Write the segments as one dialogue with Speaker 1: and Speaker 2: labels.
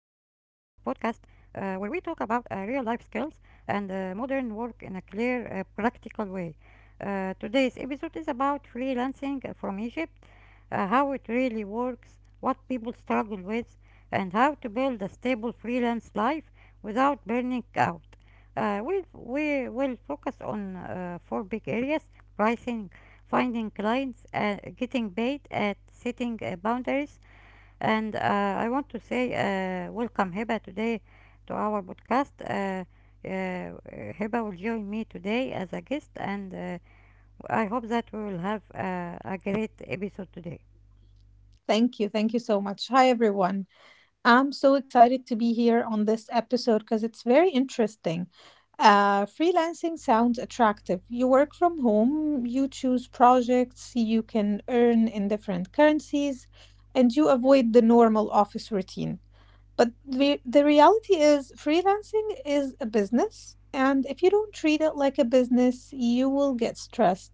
Speaker 1: where we talk about real life skills and modern work in a clear, practical way. Today's episode is about freelancing from Egypt, how it really works, what people struggle with, and how to build a stable freelance life without burning out. We will focus on four big areas: pricing, finding clients and getting paid at setting boundaries and I want to say welcome Heba today to our podcast uh, Heba will join me today as a guest and I hope that we will have a great episode today.
Speaker 2: Thank you. Thank you so much. Hi, everyone. I'm so excited to be here on this episode because it's very interesting. Freelancing sounds attractive. You work from home, you choose projects, you can earn in different currencies, and you avoid the normal office routine. But the reality is, freelancing is a business. And if you don't treat it like a business, you will get stressed.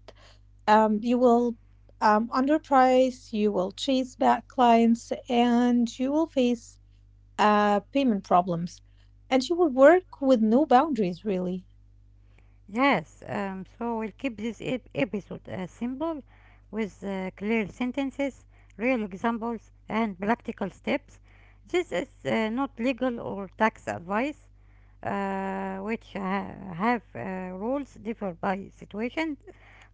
Speaker 2: You will underprice, you will chase back clients, and you will face payment problems. And you will work with no boundaries, really.
Speaker 1: Yes. So we'll keep this episode simple, with clear sentences, real examples, and practical steps. This is not legal or tax advice, which have rules differ by situation,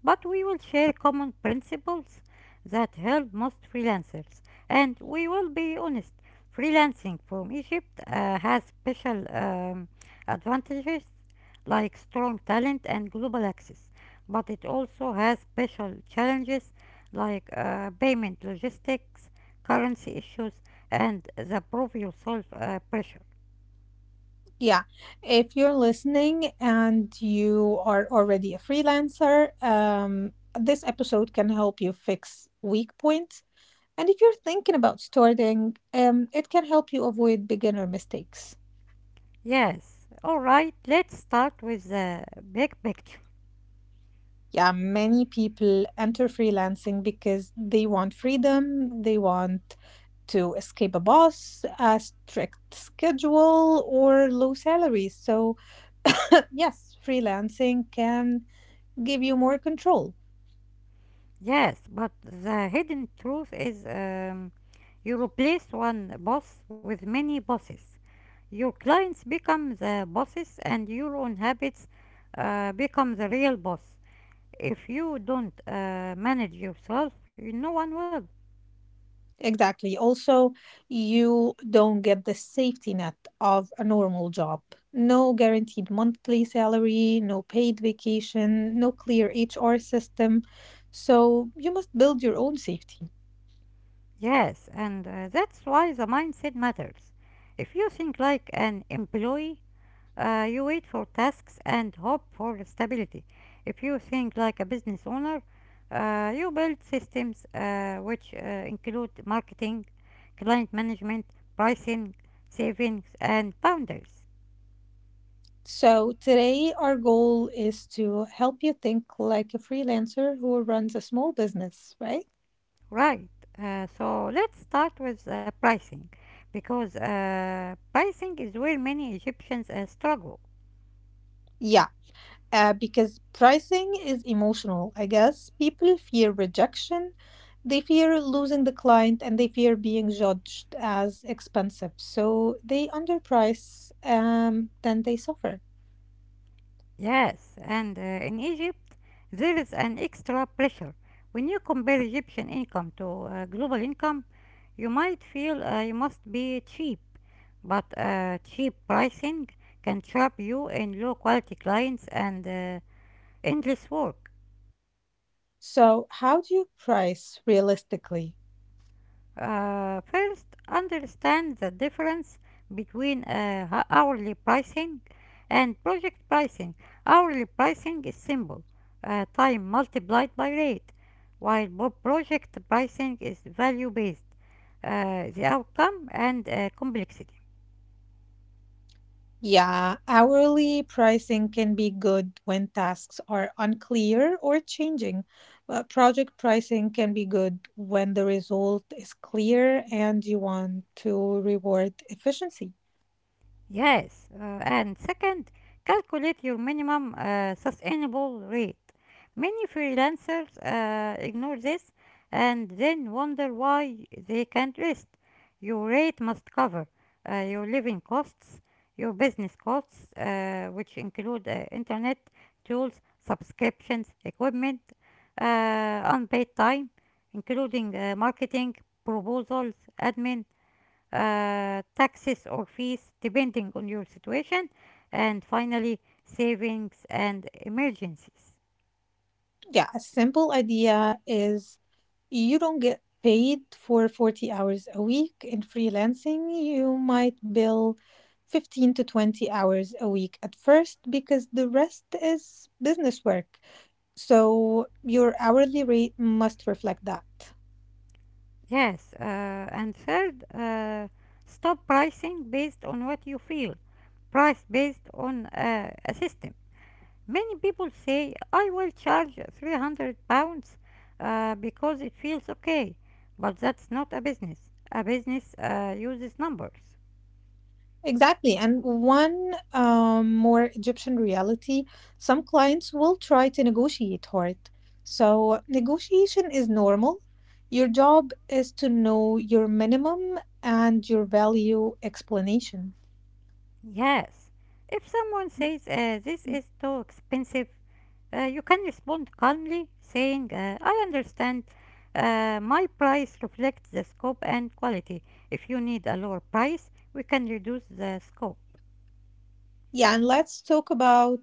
Speaker 1: but we will share common principles that help most freelancers, and we will be honest. Freelancing from Egypt has special advantages like strong talent and global access, but it also has special challenges like payment logistics, currency issues, and the prove yourself pressure.
Speaker 2: Yeah. If you're listening and you are already a freelancer, this episode can help you fix weak points. And if you're thinking about starting, it can help you avoid beginner mistakes.
Speaker 1: Yes, all right, let's start with the big picture.
Speaker 2: Yeah, many people enter freelancing because they want freedom, they want to escape a boss, a strict schedule, or low salaries. So, yes, freelancing can give you more control.
Speaker 1: Yes, but the hidden truth is, you replace one boss with many bosses. Your clients become the bosses, and your own habits become the real boss. If you don't manage yourself, no one will.
Speaker 2: Exactly. Also, you don't get the safety net of a normal job. No guaranteed monthly salary, no paid vacation, no clear HR system. So, you must build your own safety.
Speaker 1: Yes, and that's why the mindset matters. If you think like an employee, you wait for tasks and hope for stability. If you think like a business owner, you build systems which include marketing, client management, pricing, savings, and boundaries.
Speaker 2: So, today our goal is to help you think like a freelancer who runs a small business, right?
Speaker 1: Right. So let's start with pricing, because pricing is where many Egyptians struggle.
Speaker 2: Yeah, because pricing is emotional, I guess. People fear rejection, they fear losing the client, and they fear being judged as expensive. So, they underprice, then they suffer.
Speaker 1: Yes, and in Egypt, there is an extra pressure. When you compare Egyptian income to global income, you might feel you must be cheap, but cheap pricing can trap you in low quality clients and endless work.
Speaker 2: So, how do you price realistically?
Speaker 1: First, understand the difference between hourly pricing and project pricing. Hourly pricing is simple, time multiplied by rate, while project pricing is value based, the outcome and complexity.
Speaker 2: Yeah, hourly pricing can be good when tasks are unclear or changing, but project pricing can be good when the result is clear and you want to reward efficiency.
Speaker 1: Yes, and second, calculate your minimum sustainable rate. Many freelancers ignore this and then wonder why they can't rest. Your rate must cover your living costs, your business costs, which include internet, tools, subscriptions, equipment, unpaid time, including marketing, proposals, admin, taxes or fees depending on your situation, and finally, savings and emergencies.
Speaker 2: Yeah, a simple idea is you don't get paid for 40 hours a week in freelancing. You might bill 15 to 20 hours a week at first because the rest is business work. So your hourly rate must reflect that.
Speaker 1: Yes, and third, stop pricing based on what you feel, price based on a system. Many people say, I will charge 300 pounds because it feels okay, but that's not a business. A business uses numbers.
Speaker 2: Exactly. And one more Egyptian reality, some clients will try to negotiate hard. So negotiation is normal. Your job is to know your minimum and your value explanation.
Speaker 1: Yes, if someone says, this
Speaker 2: Mm-hmm.
Speaker 1: is too expensive, you can respond calmly, saying, I understand. My price reflects the scope and quality. If you need a lower price, we can reduce the scope.
Speaker 2: Yeah, and let's talk about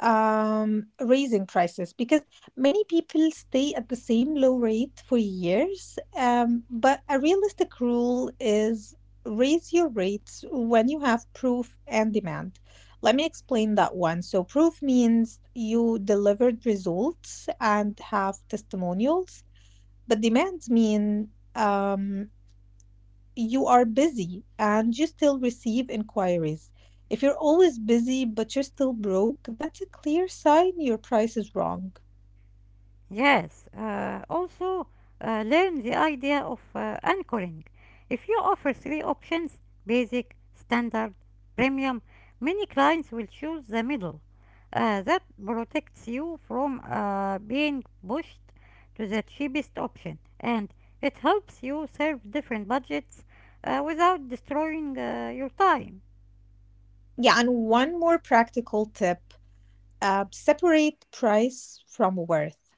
Speaker 2: raising prices because many people stay at the same low rate for years, but a realistic rule is raise your rates when you have proof and demand. Let me explain that one. So proof means you delivered results and have testimonials, but demands mean you are busy and you still receive inquiries. If you're always busy but you're still broke, that's a clear sign your price is wrong.
Speaker 1: Yes, also learn the idea of anchoring. If you offer three options: basic, standard, premium, many clients will choose the middle. That protects you from being pushed to the cheapest option, and it helps you serve different budgets without destroying your time.
Speaker 2: Yeah, and one more practical tip, separate price from worth.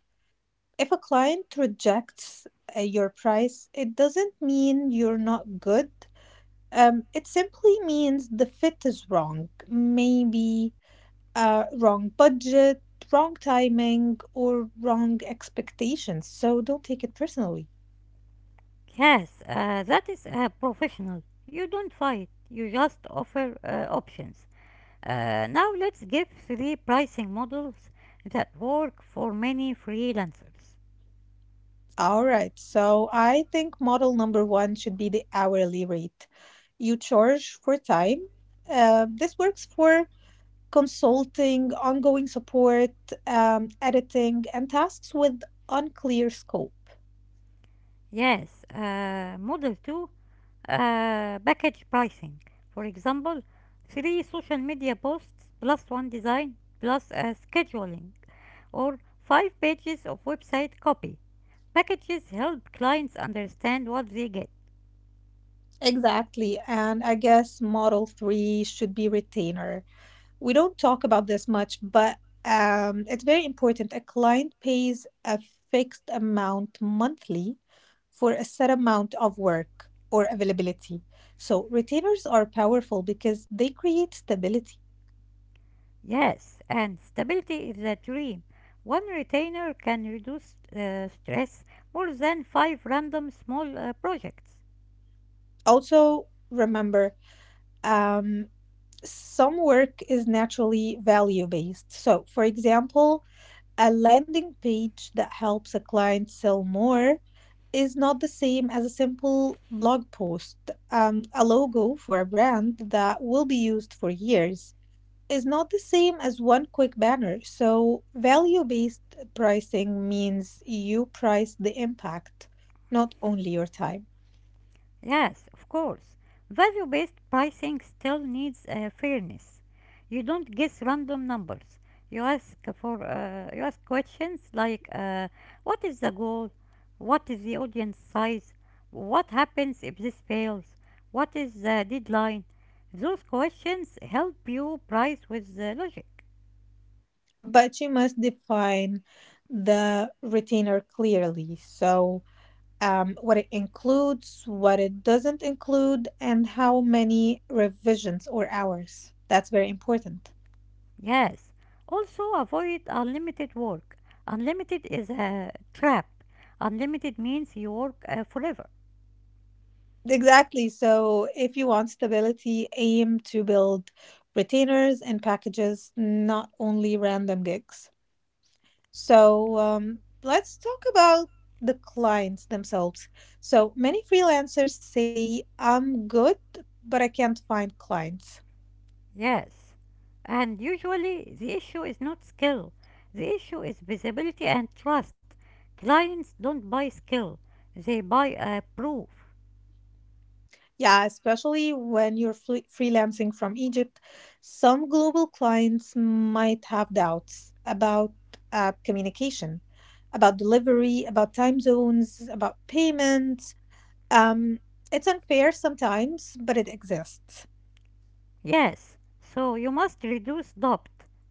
Speaker 2: If a client rejects your price, it doesn't mean you're not good. It simply means the fit is wrong. Maybe wrong budget, wrong timing, or wrong expectations. So don't take it personally.
Speaker 1: Yes, that is professional. You don't fight, you just offer options. Now let's give three pricing models that work for many freelancers.
Speaker 2: All right. So I think model number one should be the hourly rate. You charge for time. This works for consulting, ongoing support, editing, and tasks with unclear scope.
Speaker 1: Yes, model 2, package pricing. For example, three social media posts plus one design plus a scheduling, or five pages of website copy. Packages help clients understand what they get.
Speaker 2: Exactly. And I guess model three should be retainer. We don't talk about this much, but it's very important. A client pays a fixed amount monthly for a set amount of work or availability. So retainers are powerful because they create stability.
Speaker 1: Yes, and stability is a dream. One retainer can reduce stress more than five random small projects.
Speaker 2: Also, remember, um, some work is naturally value based. So, for example, a landing page that helps a client sell more is not the same as a simple blog post. A logo for a brand that will be used for years is not the same as one quick banner. So, value based pricing means you price the impact, not only your time.
Speaker 1: Yes, of course. Value based pricing still needs fairness. You don't guess random numbers. You ask for, you ask questions like, what is the goal? What is the audience size? What happens if this fails? What is the deadline? Those questions help you price with the logic.
Speaker 2: But you must define the retainer clearly. So, what it includes, what it doesn't include, and how many revisions or hours. That's very important.
Speaker 1: Yes. Also avoid unlimited work. Unlimited is a trap. Unlimited means you work forever.
Speaker 2: Exactly. So, if you want stability, aim to build retainers and packages, not only random gigs. So, let's talk about the clients themselves. So, many freelancers say, I'm good, but I can't find clients.
Speaker 1: Yes. And usually the issue is not skill. The issue is visibility and trust. Clients don't buy skill, they buy proof.
Speaker 2: Yeah, especially when you're freelancing from Egypt, some global clients might have doubts about communication, about delivery, about time zones, about payments. Um, it's unfair sometimes, but it exists.
Speaker 1: Yes. So you must reduce doubt.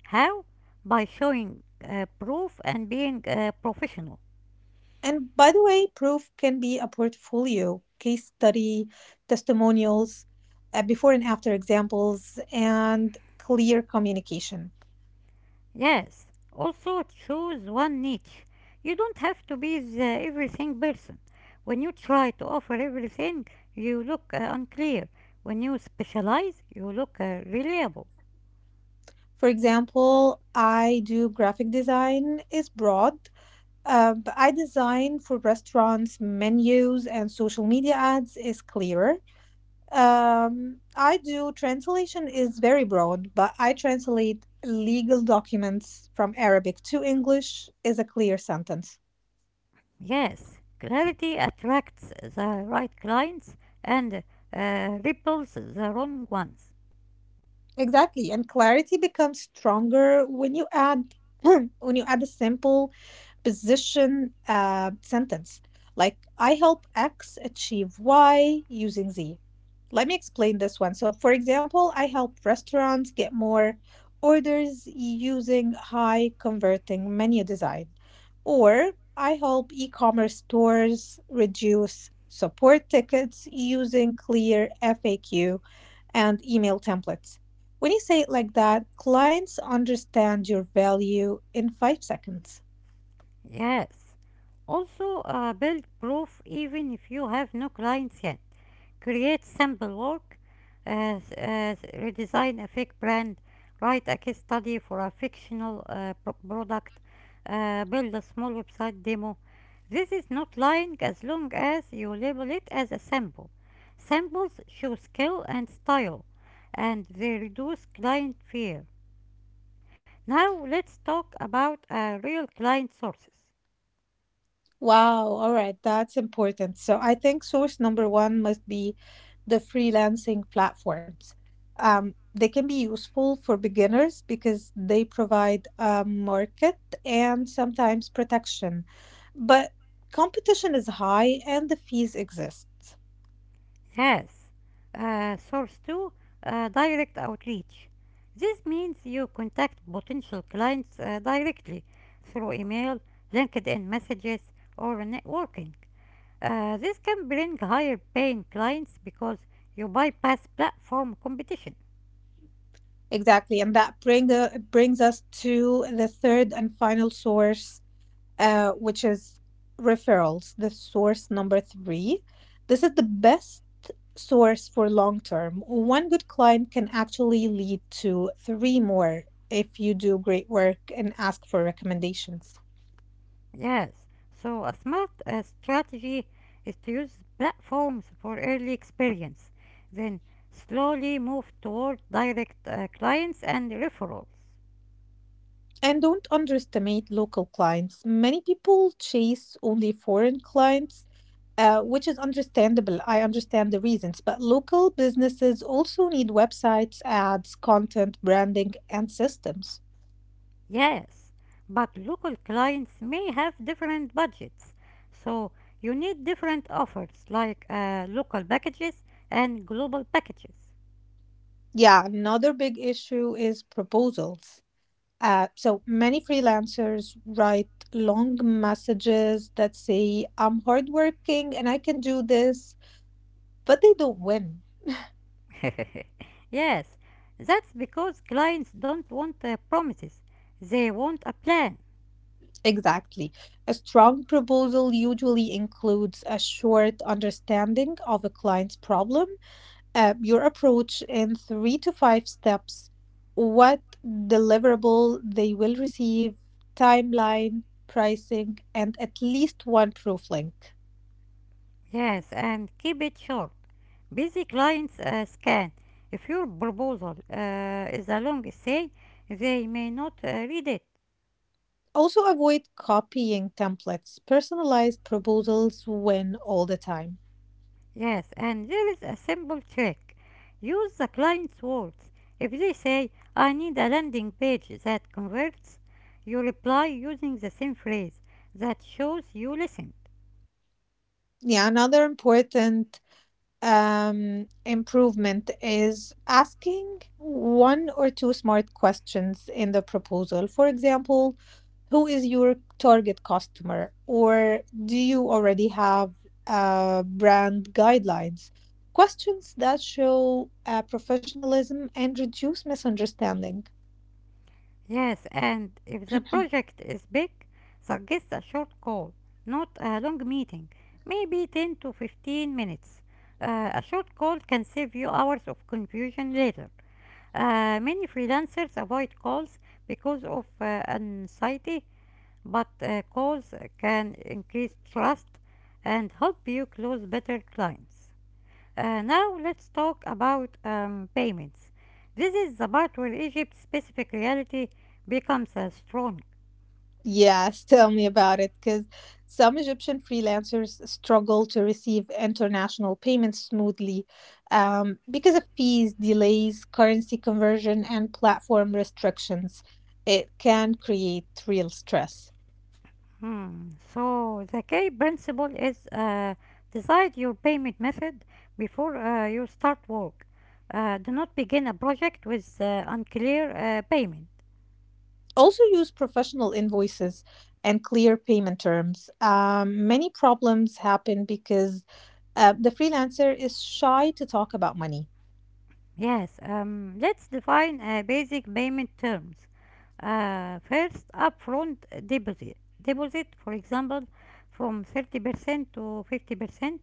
Speaker 1: How? By showing proof and being professional.
Speaker 2: And by the way, proof can be a portfolio, case study, testimonials, before and after examples, and clear communication.
Speaker 1: Yes, also choose one niche. You don't have to be the everything person. When you try to offer everything, you look unclear. When you specialize, you look reliable.
Speaker 2: For example, I do graphic design is broad, but I design for restaurants, menus, and social media ads is clearer. I do translation is very broad, but I translate legal documents from Arabic to English is a clear sentence.
Speaker 1: Yes, clarity attracts the right clients and repels the wrong ones.
Speaker 2: Exactly, and clarity becomes stronger when you add when you add a simple position sentence like I help X achieve Y using Z. Let me explain this one. So, for example, I help restaurants get more orders using high converting menu design, or I help e commerce stores reduce support tickets using clear FAQ and email templates. When you say it like that, clients understand your value in 5 seconds.
Speaker 1: Yes, also build proof even if you have no clients yet. Create sample work, uh, uh, redesign a fake brand, write a case study for a fictional product, build a small website demo. This is not lying as long as you label it as a sample. Samples show skill and style, and they reduce client fear. Now let's talk about real client sources.
Speaker 2: Wow, all right, that's important. So I think source number one must be the freelancing platforms. They can be useful for beginners because they provide a market and sometimes protection. But competition is high and the fees exist.
Speaker 1: Yes. Source 2, direct outreach. This means you contact potential clients directly through email, LinkedIn messages, or networking. This can bring higher paying clients because you bypass platform competition.
Speaker 2: Exactly, and that bring brings us to the third and final source, which is referrals, the source number three. This is the best source for long term. One good client can actually lead to three more if you do great work and ask for recommendations.
Speaker 1: Yes. So, a smart strategy is to use platforms for early experience, then slowly move toward direct clients and referrals.
Speaker 2: And don't underestimate local clients. Many people chase only foreign clients, which is understandable. I understand the reasons, but local businesses also need websites, ads, content, branding, and systems.
Speaker 1: Yes, but local clients may have different budgets, so you need different offers like local packages and global packages.
Speaker 2: Yeah, another big issue is proposals. So many freelancers write long messages that say, I'm hardworking and I can do this, but they don't win.
Speaker 1: Yes, that's because clients don't want promises, they want a plan.
Speaker 2: Exactly. A strong proposal usually includes a short understanding of a client's problem, your approach in three to five steps, what deliverable they will receive, timeline, pricing, and at least one proof link.
Speaker 1: Yes, and keep it short. Busy clients scan. If your proposal is a long essay, they may not read it.
Speaker 2: Also, avoid copying templates. Personalized proposals win all the time.
Speaker 1: Yes, and there is a simple trick. Use the client's words. If they say, I need a landing page that converts, you reply using the same phrase. That shows you listened.
Speaker 2: Yeah, another important improvement is asking one or two smart questions in the proposal. For example, who is your target customer? Or do you already have brand guidelines? Questions that show professionalism and reduce misunderstanding.
Speaker 1: Yes, and if the project is big, suggest a short call, not a long meeting, maybe 10 to 15 minutes. A short call can save you hours of confusion later. Many freelancers avoid calls because of anxiety, but calls can increase trust and help you close better clients. Now let's talk about payments. This is the part where Egypt's specific reality becomes strong.
Speaker 2: Yes, tell me about it, because some Egyptian freelancers struggle to receive international payments smoothly, because of fees, delays, currency conversion, and platform restrictions. It can create real stress.
Speaker 1: Hmm. So the key principle is, decide your payment method before you start work. Do not begin a project with unclear payment.
Speaker 2: Also use professional invoices and clear payment terms. Many problems happen because the freelancer is shy to talk about money.
Speaker 1: Yes, let's define basic payment terms. First, upfront deposit. Deposit, for example, from 30% to 50%.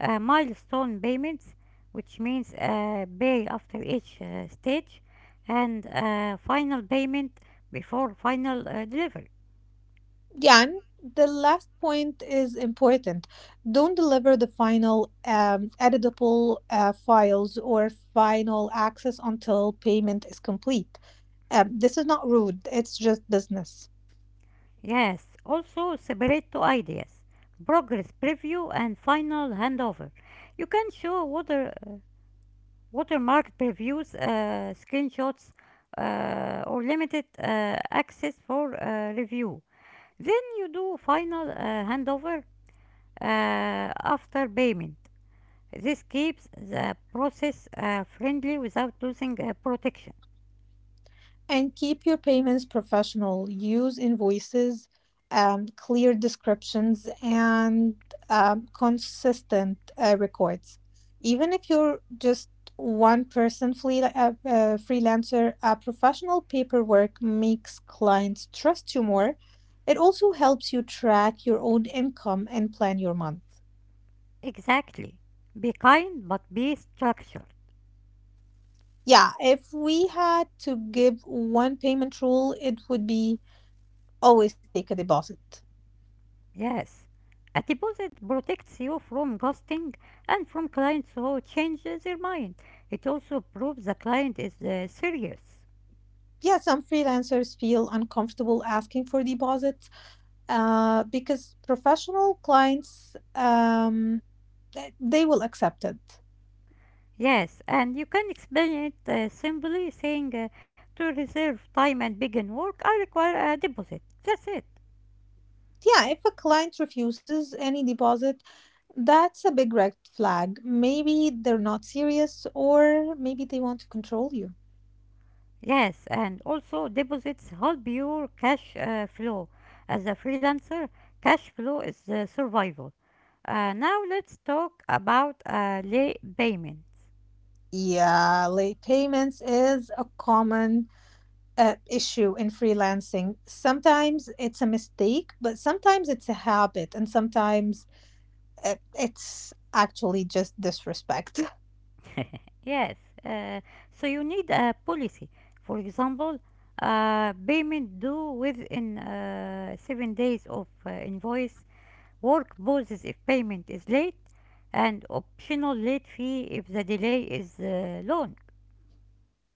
Speaker 1: Milestone payments, which means pay after each stage. And final payment before final delivery.
Speaker 2: Yeah, and the last point is important. Don't deliver the final editable files or final access until payment is complete. This is not rude, it's just business.
Speaker 1: Yes, also separate two ideas: progress preview and final handover. You can show what, watermark previews, screenshots, or limited access for review. Then you do final handover after payment. This keeps the process friendly without losing protection.
Speaker 2: And keep your payments professional. Use invoices, clear descriptions, and consistent records. Even if you're just one person freelancer, professional paperwork makes clients trust you more. It also helps you track your own income and plan your month.
Speaker 1: Exactly. Be kind but be structured.
Speaker 2: Yeah, if we had to give one payment rule, it would be always take a deposit.
Speaker 1: Yes. A deposit protects you from ghosting and from clients who change their mind. It also proves the client is serious.
Speaker 2: Yeah, some freelancers feel uncomfortable asking for deposits, because professional clients, they will accept it.
Speaker 1: Yes, and you can explain it simply, saying, to reserve time and begin work, I require a deposit. That's it.
Speaker 2: Yeah, if a client refuses any deposit, that's a big red flag. Maybe they're not serious, or maybe they want to control you.
Speaker 1: Yes, and also deposits help your cash flow. As a freelancer, cash flow is survival. Now let's talk about late payments.
Speaker 2: Yeah, late payments is a common issue in freelancing. Sometimes it's a mistake, but sometimes it's a habit, and sometimes it's actually just disrespect.
Speaker 1: Yes, uh, so you need a policy. For example, payment due within 7 days of invoice. Work pauses if payment is late, and optional late fee if the delay is long.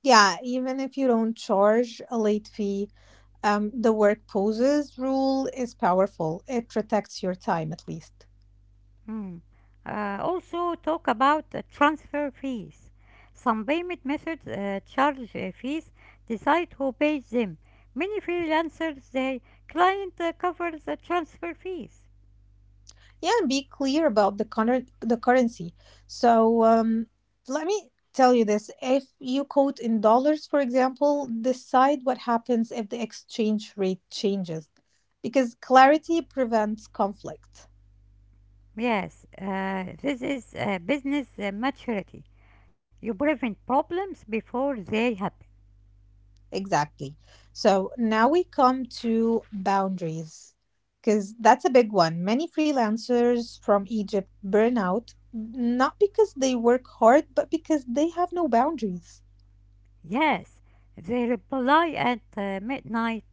Speaker 2: Yeah, even if you don't charge a late fee, the work poses rule is powerful. It protects your time at least.
Speaker 1: Hmm. Also, talk about transfer fees. Some payment methods charge fees. Decide who pays them. Many freelancers say client covers the transfer fees.
Speaker 2: Yeah, and be clear about the currency. So, let me tell you this: if you quote in dollars, for example, decide what happens if the exchange rate changes, because clarity prevents conflict.
Speaker 1: Yes, this is business maturity. You prevent problems before they happen.
Speaker 2: Exactly. So now we come to boundaries, because that's a big one. Many freelancers from Egypt burn out, not because they work hard, but because they have no boundaries.
Speaker 1: Yes, they reply at midnight,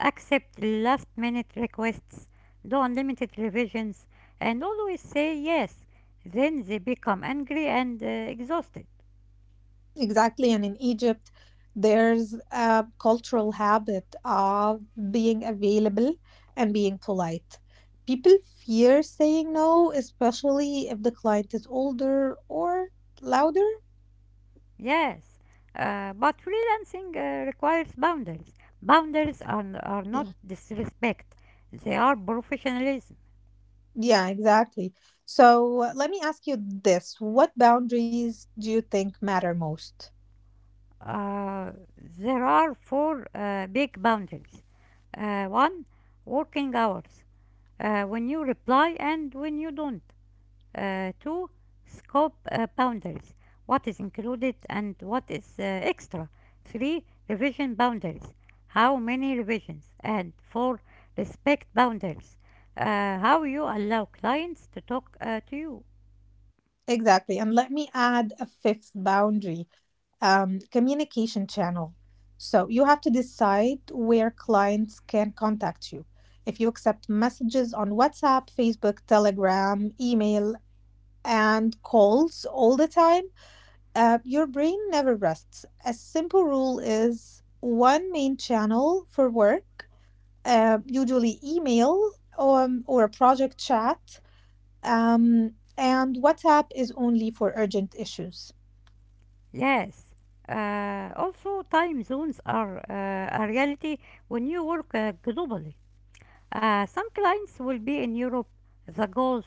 Speaker 1: accept last minute requests, do unlimited revisions, and always say yes. Then they become angry and exhausted.
Speaker 2: Exactly. And in Egypt, there's a cultural habit of being available and being polite. People fear saying no, especially if the client is older or louder.
Speaker 1: Yes, but freelancing requires boundaries. Boundaries are not
Speaker 2: Yeah.
Speaker 1: disrespect, they are professionalism.
Speaker 2: Yeah, exactly. So let me ask you this. What boundaries do you think matter most?
Speaker 1: Uh, there are four big boundaries. One, working hours. When you reply and when you don't. Two, scope boundaries. What is included and what is extra. Three, revision boundaries. How many revisions? And four, respect boundaries. How you allow clients to talk to you.
Speaker 2: Exactly. And let me add a fifth boundary, communication channel. So you have to decide where clients can contact you. If you accept messages on WhatsApp, Facebook, Telegram, email, and colds all the time, your brain never rests. A simple rule is one main channel for work, usually email or a project chat, and WhatsApp is only for urgent issues.
Speaker 1: Yes. Also, time zones are a reality when you work globally. Some clients will be in Europe, the Gulf,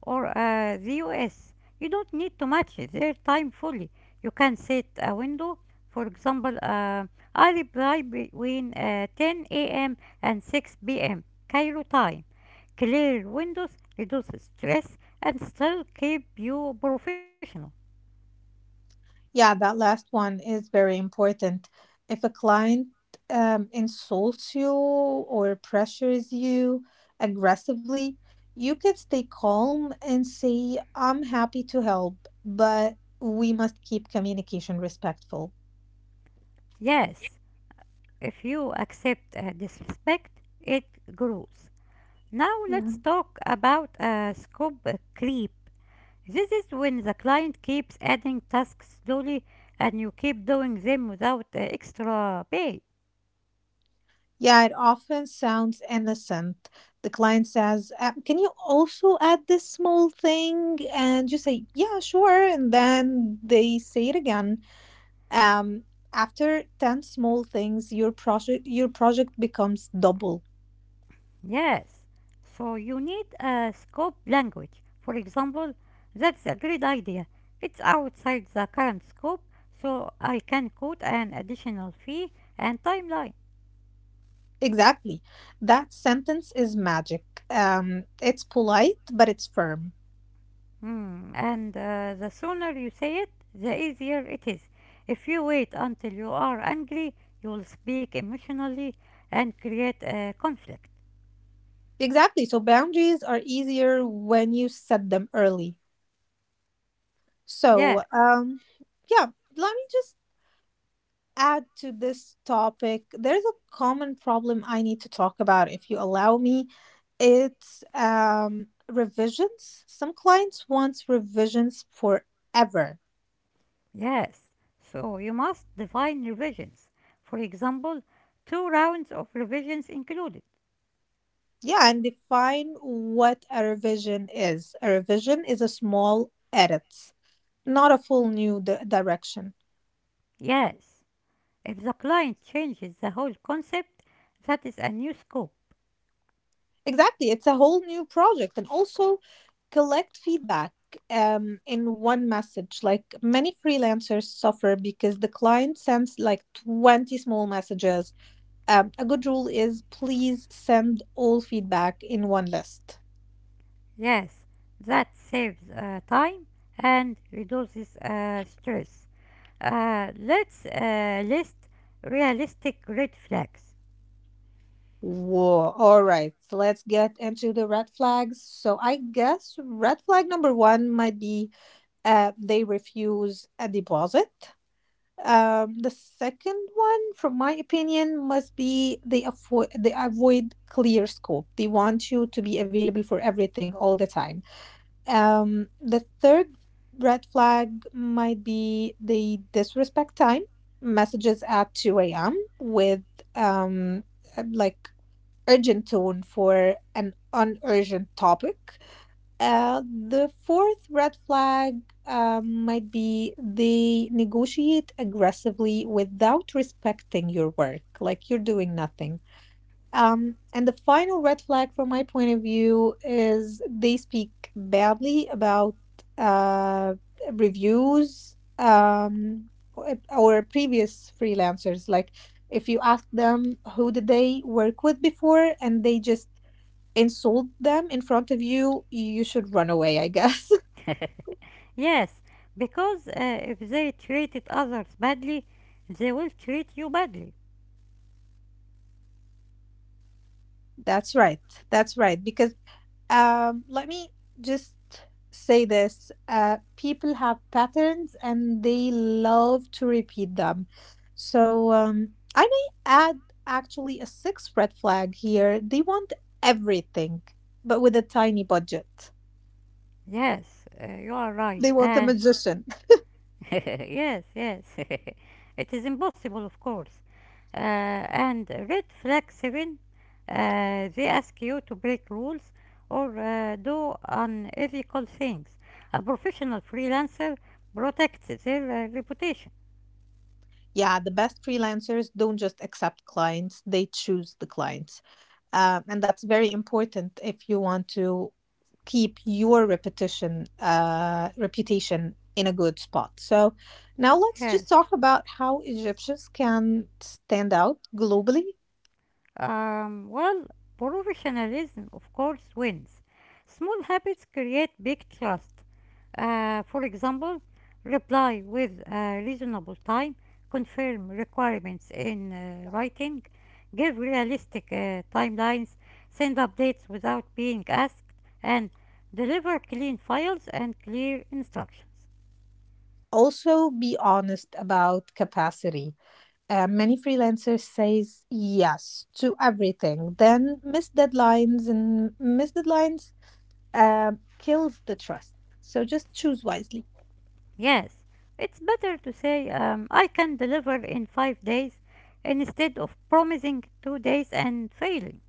Speaker 1: or the US. You don't need to match their time fully. You can set a window. For example, I reply between 10 a.m. and 6 p.m. Cairo time. Clear windows reduce stress and still keep you professional.
Speaker 2: Yeah, that last one is very important. If a client insults you or pressures you aggressively, you can stay calm and say, I'm happy to help, but we must keep communication respectful.
Speaker 1: Yes, if you accept disrespect, it grows. Now
Speaker 2: Yeah.
Speaker 1: let's talk about scope creep. This is when the client keeps adding tasks slowly and you keep doing them without extra pay.
Speaker 2: Yeah, it often sounds innocent. The client says, "Can you also add this small thing?" And you say, "Yeah, sure." And then they say it again Um, After 10 small things, your project becomes double.
Speaker 1: Yes. So you need a scope language. For example, that's a great idea. It's outside the current scope, so I can quote an additional fee and timeline.
Speaker 2: Exactly. That sentence is magic. It's polite, but it's firm.
Speaker 1: Hmm. And the sooner you say it, the easier it is. If you wait until you are angry, you will speak emotionally and create a conflict.
Speaker 2: Exactly. So boundaries are easier when you set them early.
Speaker 1: Yeah,
Speaker 2: So, um, yeah, Let me just add to this topic, there's a common problem I need to talk about if you allow me. It's revisions. Some clients want revisions forever.
Speaker 1: Yes, so you must define revisions. For example, two rounds of revisions included.
Speaker 2: Yeah, and define what a revision is. A revision is a small edit, not a full new direction.
Speaker 1: Yes, if the client changes the whole concept, that is a new scope.
Speaker 2: Exactly. It's a whole new project. And also collect feedback in one message. Like, many freelancers suffer because the client sends like 20 small messages. A good rule is, please send all feedback in one list.
Speaker 1: Yes, that saves time and reduces stress. Let's list realistic red flags.
Speaker 2: Whoa. All right. So let's get into the red flags. So I guess red flag number one might be they refuse a deposit. The second one, from my opinion, must be they avoid, they avoid clear scope. They want you to be available for everything all the time. The third red flag might be they disrespect time. Messages at 2 a.m. with um like, urgent tone for an unurgent topic. The fourth red flag might be they negotiate aggressively without respecting your work, like you're doing nothing. And the final red flag, from my point of view, is they speak badly about uh, reviews, or previous freelancers. Like, if you ask them who did they work with before, and they just insult them in front of you, you should run away, I guess.
Speaker 1: Yes, because if they treated others badly, they will treat you badly.
Speaker 2: That's right. That's right. Because let me just say this, people have patterns and they love to repeat them. So, I may add actually a sixth red flag here. They want everything, but with a tiny budget.
Speaker 1: Yes, you are right.
Speaker 2: They want a
Speaker 1: And
Speaker 2: magician.
Speaker 1: yes, yes. it is impossible, of course. And red flag 7, uh, they ask you to break rules or do unethical things. A professional freelancer protects their reputation.
Speaker 2: Yeah, the best freelancers don't just accept clients, they choose the clients. And that's very important if you want to keep your repetition, reputation in a good spot. So now let's just
Speaker 1: Yes.
Speaker 2: talk about how Egyptians can stand out globally.
Speaker 1: Well, professionalism, of course, wins. Small habits create big trust. For example, reply with a reasonable time, confirm requirements in writing, give realistic timelines, send updates without being asked, and deliver clean files and clear instructions.
Speaker 2: Also, be honest about capacity. Many freelancers says yes to everything, then miss deadlines, and miss deadlines uh, kills the trust. So just choose wisely.
Speaker 1: Yes, it's better to say I can deliver in 5 days instead of promising 2 days and failing.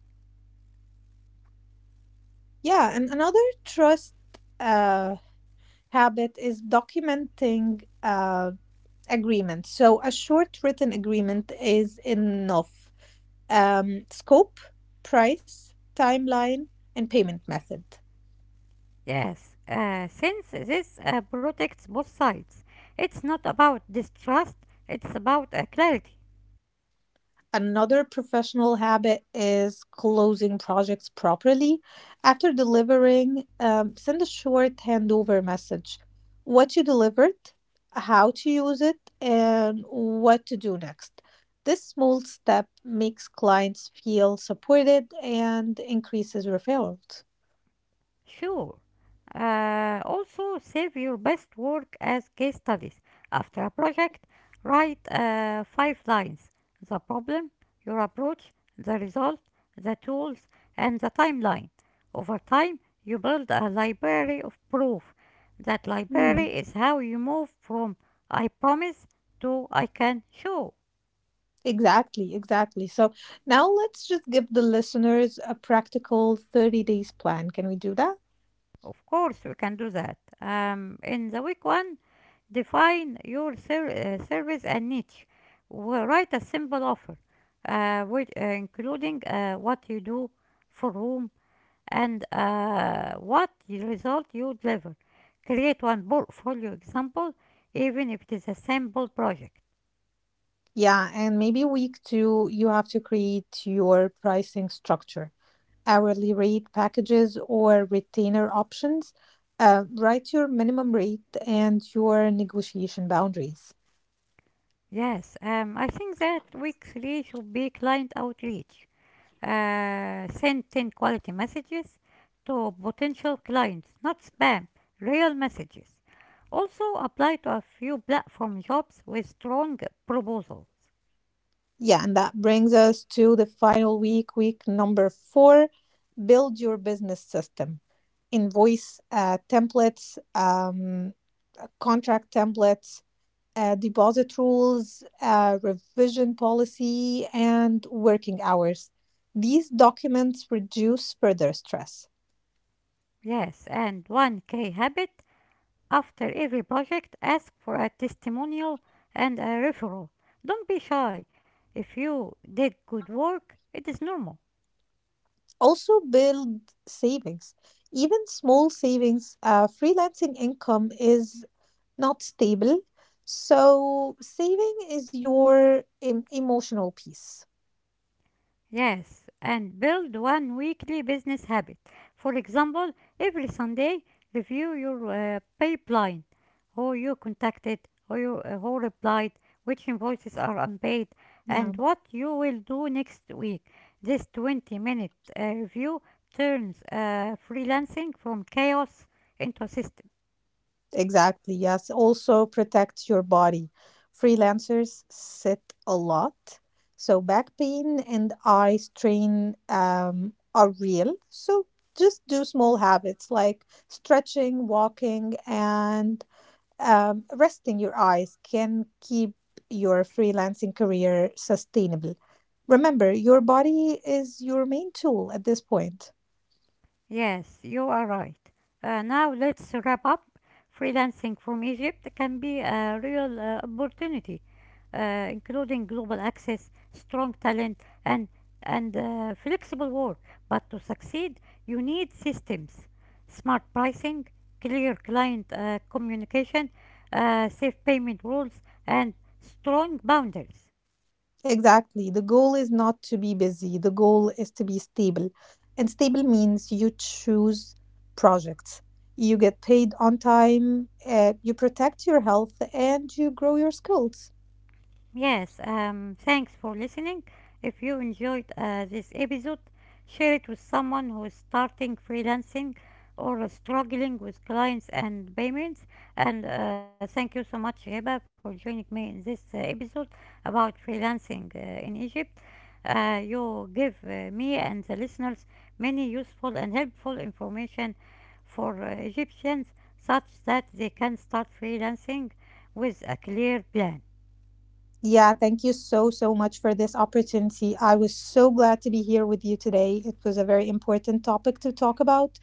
Speaker 2: Yeah, and another trust uh, habit is documenting agreement. So a short written agreement is enough: scope, price, timeline, and payment method.
Speaker 1: Yes, since this protects both sides, it's not about distrust, it's about clarity.
Speaker 2: Another professional habit is closing projects properly. After delivering, send a short handover message. What you delivered, how to use it, and what to do next. This small step makes clients feel supported and increases referrals.
Speaker 1: Sure. Also, save your best work as case studies. After a project, write five lines: the problem, your approach, the result, the tools, and the timeline. Over time, you build a library of proof. That
Speaker 2: Hmm.
Speaker 1: library is how you move from I promise to I can show.
Speaker 2: Exactly, exactly. So now let's just give the listeners a practical 30 days plan. Can we do that?
Speaker 1: Of course, we can do that. In the week one, define your service and niche. Write a simple offer, which, including what you do for whom and what result you deliver. Create one portfolio example, even if it is a sample project.
Speaker 2: Yeah, and maybe week two, you have to create your pricing structure: hourly rate, packages, or retainer options. Write your minimum rate and your negotiation boundaries.
Speaker 1: Yes, I think that week three should be client outreach. Send 10 quality messages to potential clients, not spam, real messages. Also, apply to a few platform jobs with strong proposals.
Speaker 2: Yeah, and that brings us to the final week, week number four, build your business system. Invoice templates, contract templates, deposit rules, revision policy, and working hours. These documents reduce further stress.
Speaker 1: Yes, and 1K habit: after every project, ask for a testimonial and a referral. Don't be shy. If you did good work, it is normal.
Speaker 2: Also, build savings. Even small savings, freelancing income is not stable. So saving is your emotional peace.
Speaker 1: Yes, and build one weekly business habit. For example, every Sunday, review your pipeline, who you contacted, who replied, which invoices are unpaid,
Speaker 2: Yeah,
Speaker 1: and what you will do next week. This 20 minute review turns freelancing from chaos into a system.
Speaker 2: exactly. Yes. Also, protect your body. Freelancers sit a lot. So back pain and eye strain are real. So just do small habits like stretching, walking, and resting your eyes can keep your freelancing career sustainable. Remember, your body is your main tool at this point.
Speaker 1: Yes, you are right. Now let's wrap up. Freelancing from Egypt can be a real opportunity, including global access, strong talent, and and flexible work. But to succeed, you need systems, smart pricing, clear client communication, safe payment rules, and strong boundaries.
Speaker 2: Exactly. The goal is not to be busy, the goal is to be stable. And stable means you choose projects, you get paid on time, you protect your health, and you grow your skills.
Speaker 1: Yes, thanks for listening. If you enjoyed this episode, share it with someone who is starting freelancing or struggling with clients and payments. And thank you so much, Heba, for joining me in this episode about freelancing in Egypt. You give me and the listeners many useful and helpful information for Egyptians such that they can start freelancing with a clear plan.
Speaker 2: Yeah, thank you so, so much for this opportunity. I was so glad to be here with you today. It was a very important topic to talk about.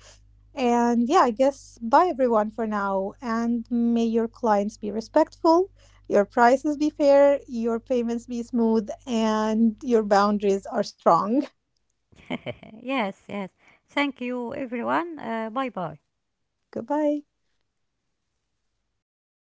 Speaker 2: And yeah, I guess, bye everyone for now. And may your clients be respectful, your prices be fair, your payments be smooth, and your boundaries are strong.
Speaker 1: yes, yes. Thank you, everyone. Bye bye.
Speaker 2: Goodbye.